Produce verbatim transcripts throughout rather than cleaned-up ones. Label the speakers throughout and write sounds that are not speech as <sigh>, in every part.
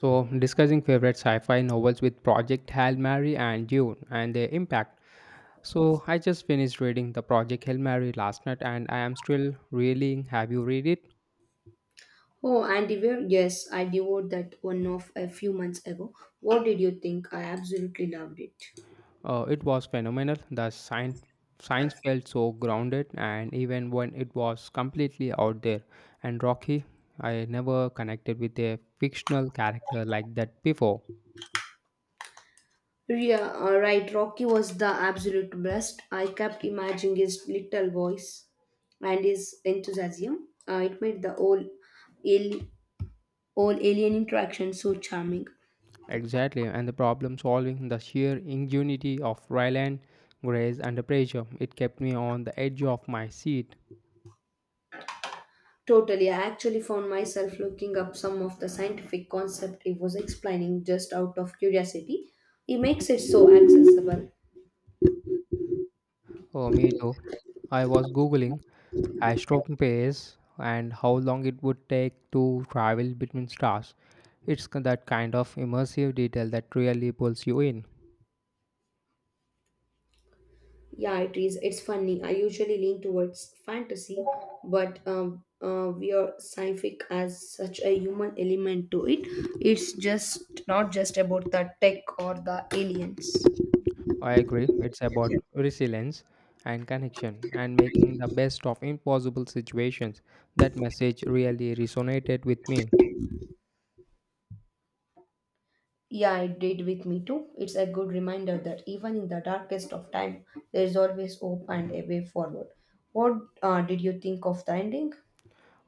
Speaker 1: So, discussing favorite sci fi novels with Project Hail Mary and Dune and their impact. So, I just finished reading the Project Hail Mary last night and I am still reeling. Have you read it?
Speaker 2: Oh, Andiware, yes, I devoured that one off a few months ago. What did you think? I absolutely loved it.
Speaker 1: Uh, it was phenomenal. The science, science felt so grounded, and even when it was completely out there and rocky, I never connected with a fictional character like that before.
Speaker 2: Yeah, all right, Rocky was the absolute best. I kept imagining his little voice and his enthusiasm. Uh, it made the whole, al- whole alien interaction so charming.
Speaker 1: Exactly, and the problem solving, the sheer ingenuity of Ryland Grace under pressure, it kept me on the edge of my seat.
Speaker 2: Totally, I actually found myself looking up some of the scientific concept he was explaining just out of curiosity. He makes it so accessible.
Speaker 1: Oh, me too. I was googling astropace and how long it would take to travel between stars. It's k- that kind of immersive detail that really pulls you in.
Speaker 2: Yeah, it is. It's funny. I usually lean towards fantasy, but um, uh, we are scientific as such a human element to it. It's just not just about the tech or the aliens.
Speaker 1: I agree, it's about resilience and connection and making the best of impossible situations. That message really resonated with me.
Speaker 2: Yeah, it did with me too. It's a good reminder that even in the darkest of time, there is always hope and a way forward. What uh, did you think of the ending?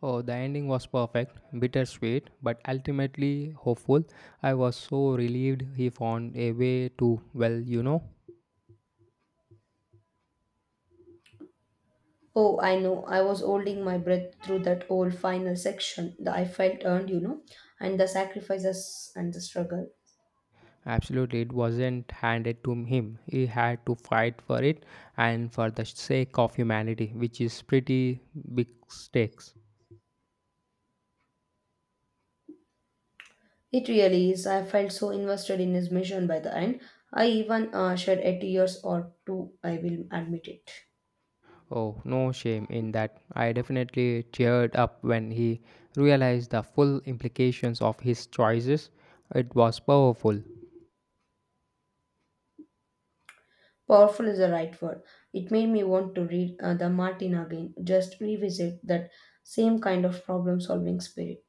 Speaker 1: Oh, the ending was perfect, bittersweet, but ultimately hopeful. I was so relieved he found a way to, well, you know.
Speaker 2: Oh, I know. I was holding my breath through that whole final section. The I felt earned, you know, and the sacrifices and the struggle.
Speaker 1: Absolutely, it wasn't handed to him. He had to fight for it and for the sake of humanity, which is pretty big stakes.
Speaker 2: It really is. I felt so invested in his mission by the end. I even uh, shed a tears or two, I will admit it.
Speaker 1: Oh, no shame in that. I definitely teared up when he realized the full implications of his choices. It was powerful.
Speaker 2: Powerful is the right word. It made me want to read uh, The Martin again, just revisit that same kind of problem solving spirit.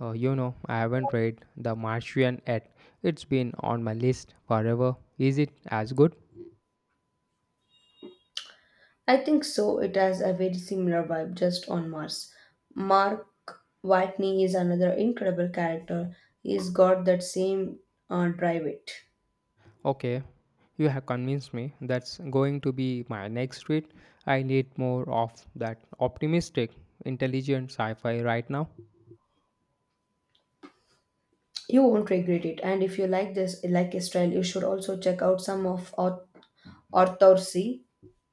Speaker 1: Uh, you know, I haven't read The Martian yet. It's been on my list forever. Is it as good?
Speaker 2: I think so. It has a very similar vibe just on Mars. Mark Watney is another incredible character. He's got that same uh, drive it.
Speaker 1: Okay, you have convinced me. That's going to be my next read. I need more of that optimistic, intelligent sci fi right now.
Speaker 2: You won't regret it. And if you like this, like his style, you should also check out some of Ar- Arthur C.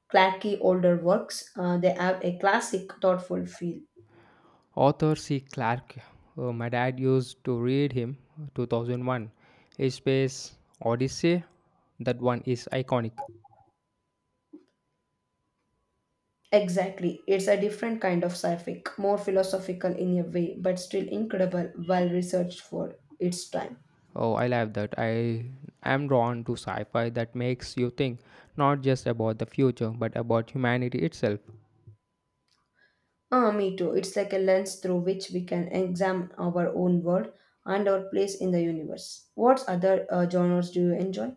Speaker 2: Clarke's older works. Uh, they have a classic, thoughtful feel.
Speaker 1: Author C. Clarke. Uh, my dad used to read him two thousand one A Space Odyssey. That one is iconic.
Speaker 2: Exactly. It's a different kind of sci fi more philosophical in a way, but still incredible, well researched for its time.
Speaker 1: Oh, I love that. I am drawn to sci fi that makes you think not just about the future but about humanity itself.
Speaker 2: Ah, me too. It's like a lens through which we can examine our own world and our place in the universe. What other uh, genres do you enjoy?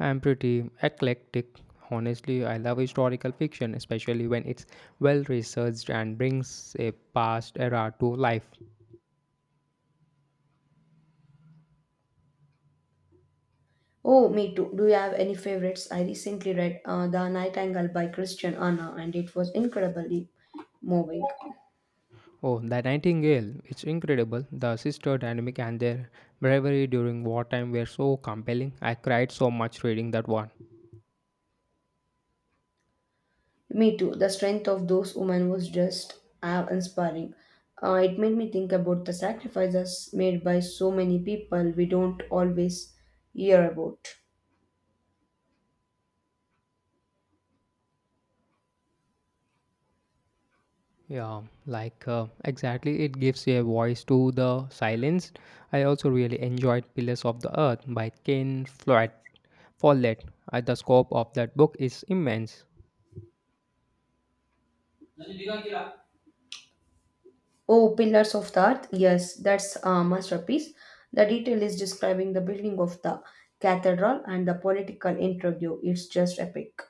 Speaker 1: I am pretty eclectic. Honestly, I love historical fiction, especially when it's well researched and brings a past era to life.
Speaker 2: Oh, me too. Do you have any favorites? I recently read uh, The Nightingale by Christian Anna and it was incredibly moving.
Speaker 1: Oh, The Nightingale, it's incredible. The sister dynamic and their bravery during wartime were so compelling. I cried so much reading that one.
Speaker 2: Me too. The strength of those women was just uh, inspiring. Uh, it made me think about the sacrifices made by so many people we don't always hear about.
Speaker 1: Yeah, like, uh, exactly, it gives a voice to the silence. I also really enjoyed Pillars of the Earth by Ken Follett. Follett. Uh, the scope of that book is immense.
Speaker 2: Oh, Pillars of the Earth. Yes, that's a masterpiece. The detail is describing the building of the cathedral and the political interview. It's just epic.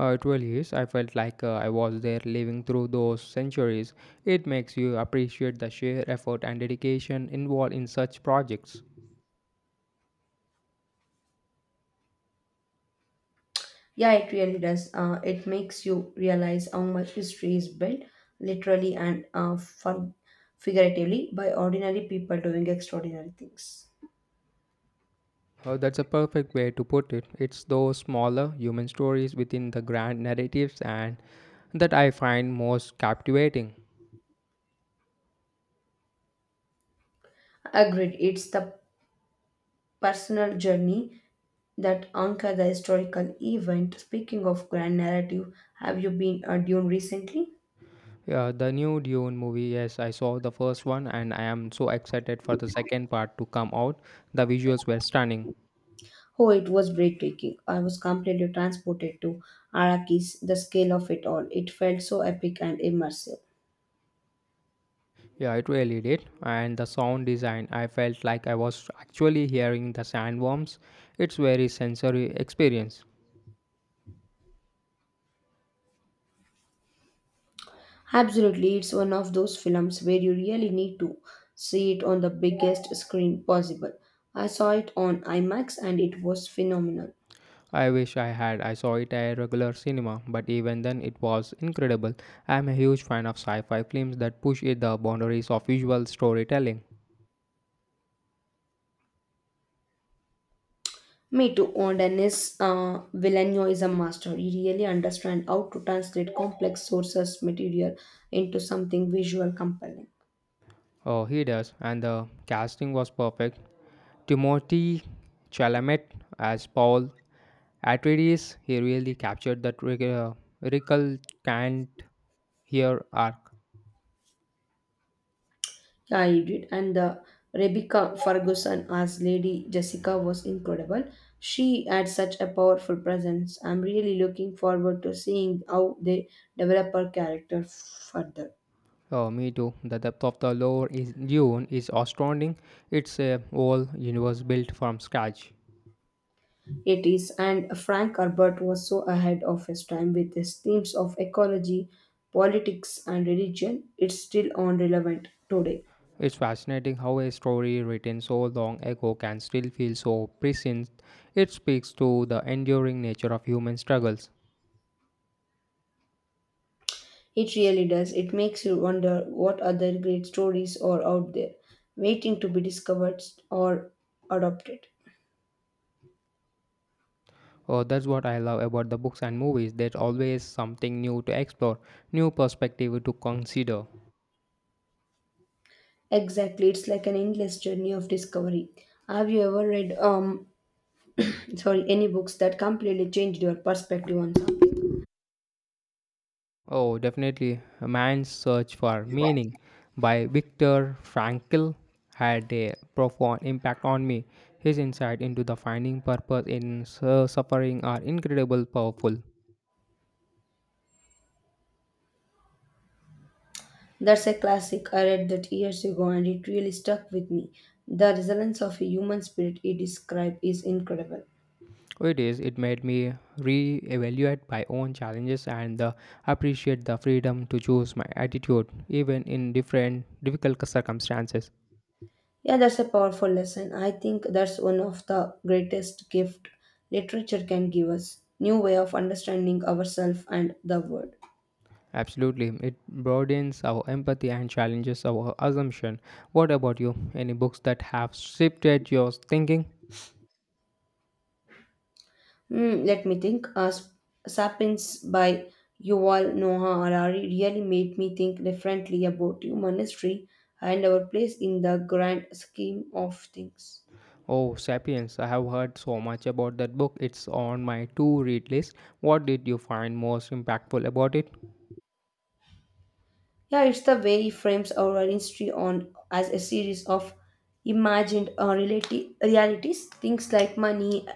Speaker 1: Uh, it really is. I felt like, uh, I was there living through those centuries. It makes you appreciate the sheer effort and dedication involved in such projects.
Speaker 2: Yeah, it really does. Uh, it makes you realize how much history is built, literally and uh, for figuratively, by ordinary people doing extraordinary things.
Speaker 1: Uh, that's a perfect way to put it. It's those smaller human stories within the grand narratives and that I find most captivating.
Speaker 2: Agreed. It's the personal journey that anchor the historical event. Speaking of grand narrative, have you been a Dune recently?
Speaker 1: Yeah, the new Dune movie. Yes, I saw the first one and I am so excited for the second part to come out. The visuals were stunning.
Speaker 2: Oh, it was breathtaking. I was completely transported to Arrakis, the scale of it all. It felt so epic and immersive.
Speaker 1: Yeah, it really did. And the sound design, I felt like I was actually hearing the sandworms. It's very sensory experience.
Speaker 2: Absolutely, it's one of those films where you really need to see it on the biggest screen possible. I saw it on IMAX and it was phenomenal.
Speaker 1: I wish I had. I saw it at a regular cinema, but even then it was incredible. I am a huge fan of sci-fi films that push it the boundaries of visual storytelling.
Speaker 2: Me too, and Denis uh, Villeneuve is a master. He really understands how to translate complex sources material into something visual compelling.
Speaker 1: Oh, he does, and the casting was perfect. Timothy Chalamet as Paul Atreides, he really captured that rec- uh, recalcitrant here arc.
Speaker 2: Yeah, you did. And uh, Rebecca Ferguson as Lady Jessica was incredible. She had such a powerful presence. I'm really looking forward to seeing how they develop her character further.
Speaker 1: Oh, me too. The depth of the lore is Dune is astounding. It's a whole universe built from scratch.
Speaker 2: It is, and Frank Herbert was so ahead of his time with his themes of ecology, politics, and religion. It's still on relevant today.
Speaker 1: It's fascinating how a story written so long ago can still feel so prescient. It speaks to the enduring nature of human struggles.
Speaker 2: It really does. It makes you wonder what other great stories are out there, waiting to be discovered or adopted.
Speaker 1: Oh, that's what I love about the books and movies. There's always something new to explore, new perspective to consider.
Speaker 2: Exactly, it's like an endless journey of discovery. Have you ever read um <clears throat> sorry, any books that completely changed your perspective on something?
Speaker 1: Oh, definitely. A Man's Search for Meaning by Viktor Frankl had a profound impact on me. His insight into the finding purpose in su- suffering are incredibly powerful.
Speaker 2: That's a classic. I read that years ago and it really stuck with me. The resilience of a human spirit it described is incredible.
Speaker 1: It is, it made me re evaluate my own challenges and uh, appreciate the freedom to choose my attitude, even in different difficult circumstances.
Speaker 2: Yeah, that's a powerful lesson. I think that's one of the greatest gift literature can give us. New way of understanding ourselves and the world.
Speaker 1: Absolutely. It broadens our empathy and challenges our assumption. What about you? Any books that have shifted your thinking?
Speaker 2: Hmm, let me think. Uh, Sp- Sapiens by Yuval Noah Harari really made me think differently about human history and our place in the grand scheme of things.
Speaker 1: Oh, Sapiens. I have heard so much about that book. It's on my to read list. What did you find most impactful about it?
Speaker 2: Yeah, it's the way he frames our history on as a series of imagined uh, reality, realities, things like money,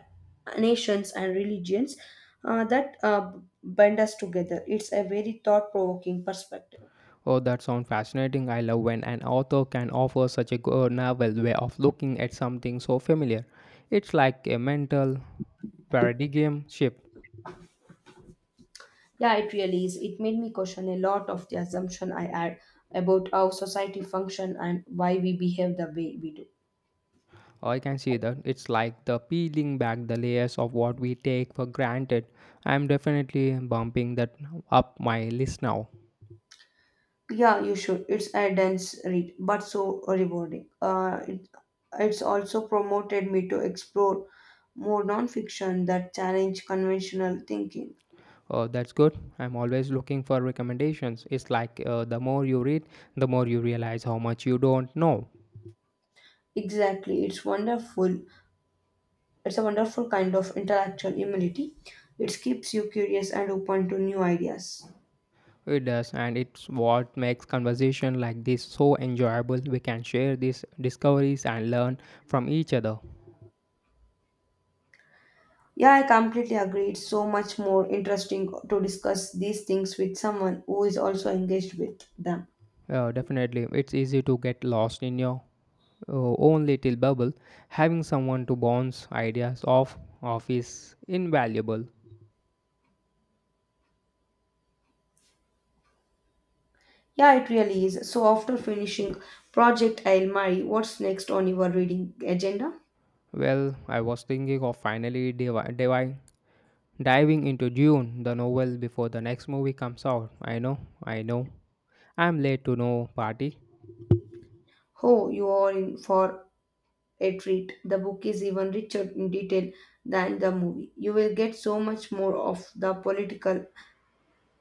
Speaker 2: nations, and religions uh, that uh, bind us together. It's a very thought-provoking perspective.
Speaker 1: Oh, that sounds fascinating. I love when an author can offer such a good novel way of looking at something so familiar. It's like a mental paradigm shift.
Speaker 2: Yeah, it really is. It made me question a lot of the assumption I had about how society function and why we behave the way we do.
Speaker 1: I can see that it's like the peeling back the layers of what we take for granted. I'm definitely bumping that up my list now.
Speaker 2: Yeah, you should. It's a dense read, but so rewarding. Uh, it, it's also promoted me to explore more nonfiction that challenge conventional thinking.
Speaker 1: Uh, that's good. I'm always looking for recommendations. It's like, uh, the more you read, the more you realize how much you don't know.
Speaker 2: Exactly, it's wonderful. It's a wonderful kind of intellectual humility. It keeps you curious and open to new ideas.
Speaker 1: It does, and it's what makes conversation like this so enjoyable. We can share these discoveries and learn from each other.
Speaker 2: Yeah, I completely agree. It's so much more interesting to discuss these things with someone who is also engaged with them.
Speaker 1: Uh, definitely, it's easy to get lost in your uh, own little bubble, having someone to bounce ideas off, of is invaluable.
Speaker 2: Yeah, it really is. So, after finishing Project I'll Marry, what's next on your reading agenda?
Speaker 1: Well, I was thinking of finally divi- divi- diving into Dune, the novel, before the next movie comes out. I know, I know. I'm late to no party.
Speaker 2: Oh, you are in for a treat. The book is even richer in detail than the movie. You will get so much more of the political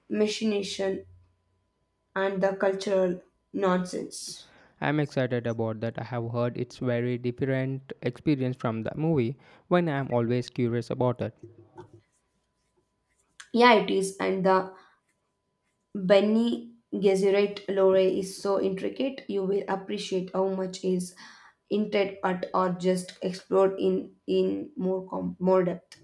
Speaker 2: machination and the cultural nonsense.
Speaker 1: I'm excited about that. I have heard it's very different experience from the movie when I'm always curious about it.
Speaker 2: Yeah, it is, and the Benny Gesserit lore is so intricate, you will appreciate how much is hinted at or just explored in in more com- more depth.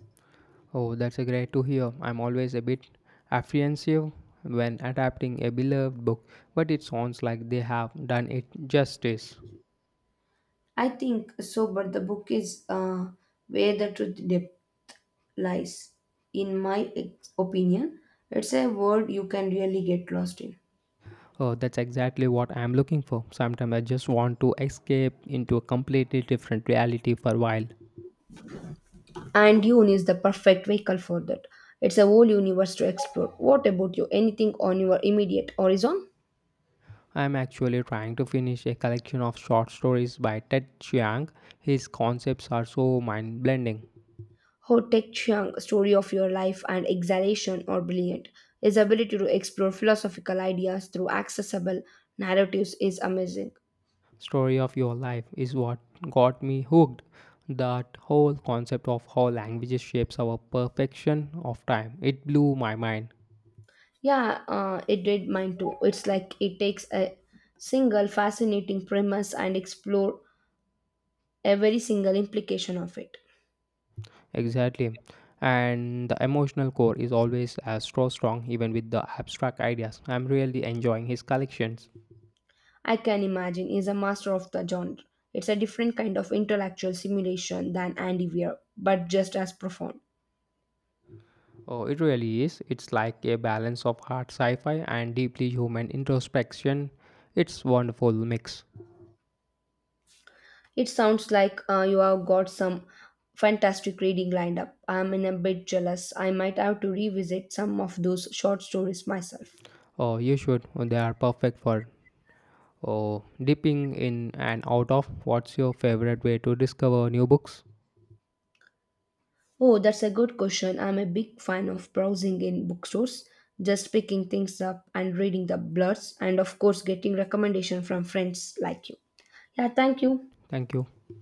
Speaker 1: Oh, that's a great to hear. I'm always a bit apprehensive when adapting a beloved book, but it sounds like they have done it justice.
Speaker 2: I think so, but the book is uh, where the truth depth lies. In my ex- opinion, it's a world you can really get lost in.
Speaker 1: Oh, that's exactly what I'm looking for. Sometimes I just want to escape into a completely different reality for a while.
Speaker 2: And Dune is the perfect vehicle for that. It's a whole universe to explore. What about you? Anything on your immediate horizon?
Speaker 1: I'm actually trying to finish a collection of short stories by Ted Chiang. His concepts are so mind blending.
Speaker 2: Ho Tek Chiang, Story of Your Life and Exhalation are brilliant. His ability to explore philosophical ideas through accessible narratives is amazing.
Speaker 1: Story of your life is what got me hooked. That whole concept of how languages shapes our perfection of time. It blew my mind.
Speaker 2: Yeah, uh, it did mine too. It's like it takes a single fascinating premise and explore every single implication of it.
Speaker 1: Exactly. And the emotional core is always as so strong even with the abstract ideas. I'm really enjoying his collections.
Speaker 2: I can imagine is a master of the genre. It's a different kind of intellectual simulation than Andy Weir, but just as profound.
Speaker 1: Oh, it really is. It's like a balance of hard sci-fi and deeply human introspection. It's wonderful mix.
Speaker 2: It sounds like uh, you have got some fantastic reading lined up. I'm in a bit jealous. I might have to revisit some of those short stories myself.
Speaker 1: Oh, you should. They are perfect for or dipping in and out of. What's your favorite way to discover new books?
Speaker 2: Oh, that's a good question. I'm a big fan of browsing in bookstores, just picking things up and reading the blurts, and of course, getting recommendation from friends like you. Yeah, thank you.
Speaker 1: Thank you.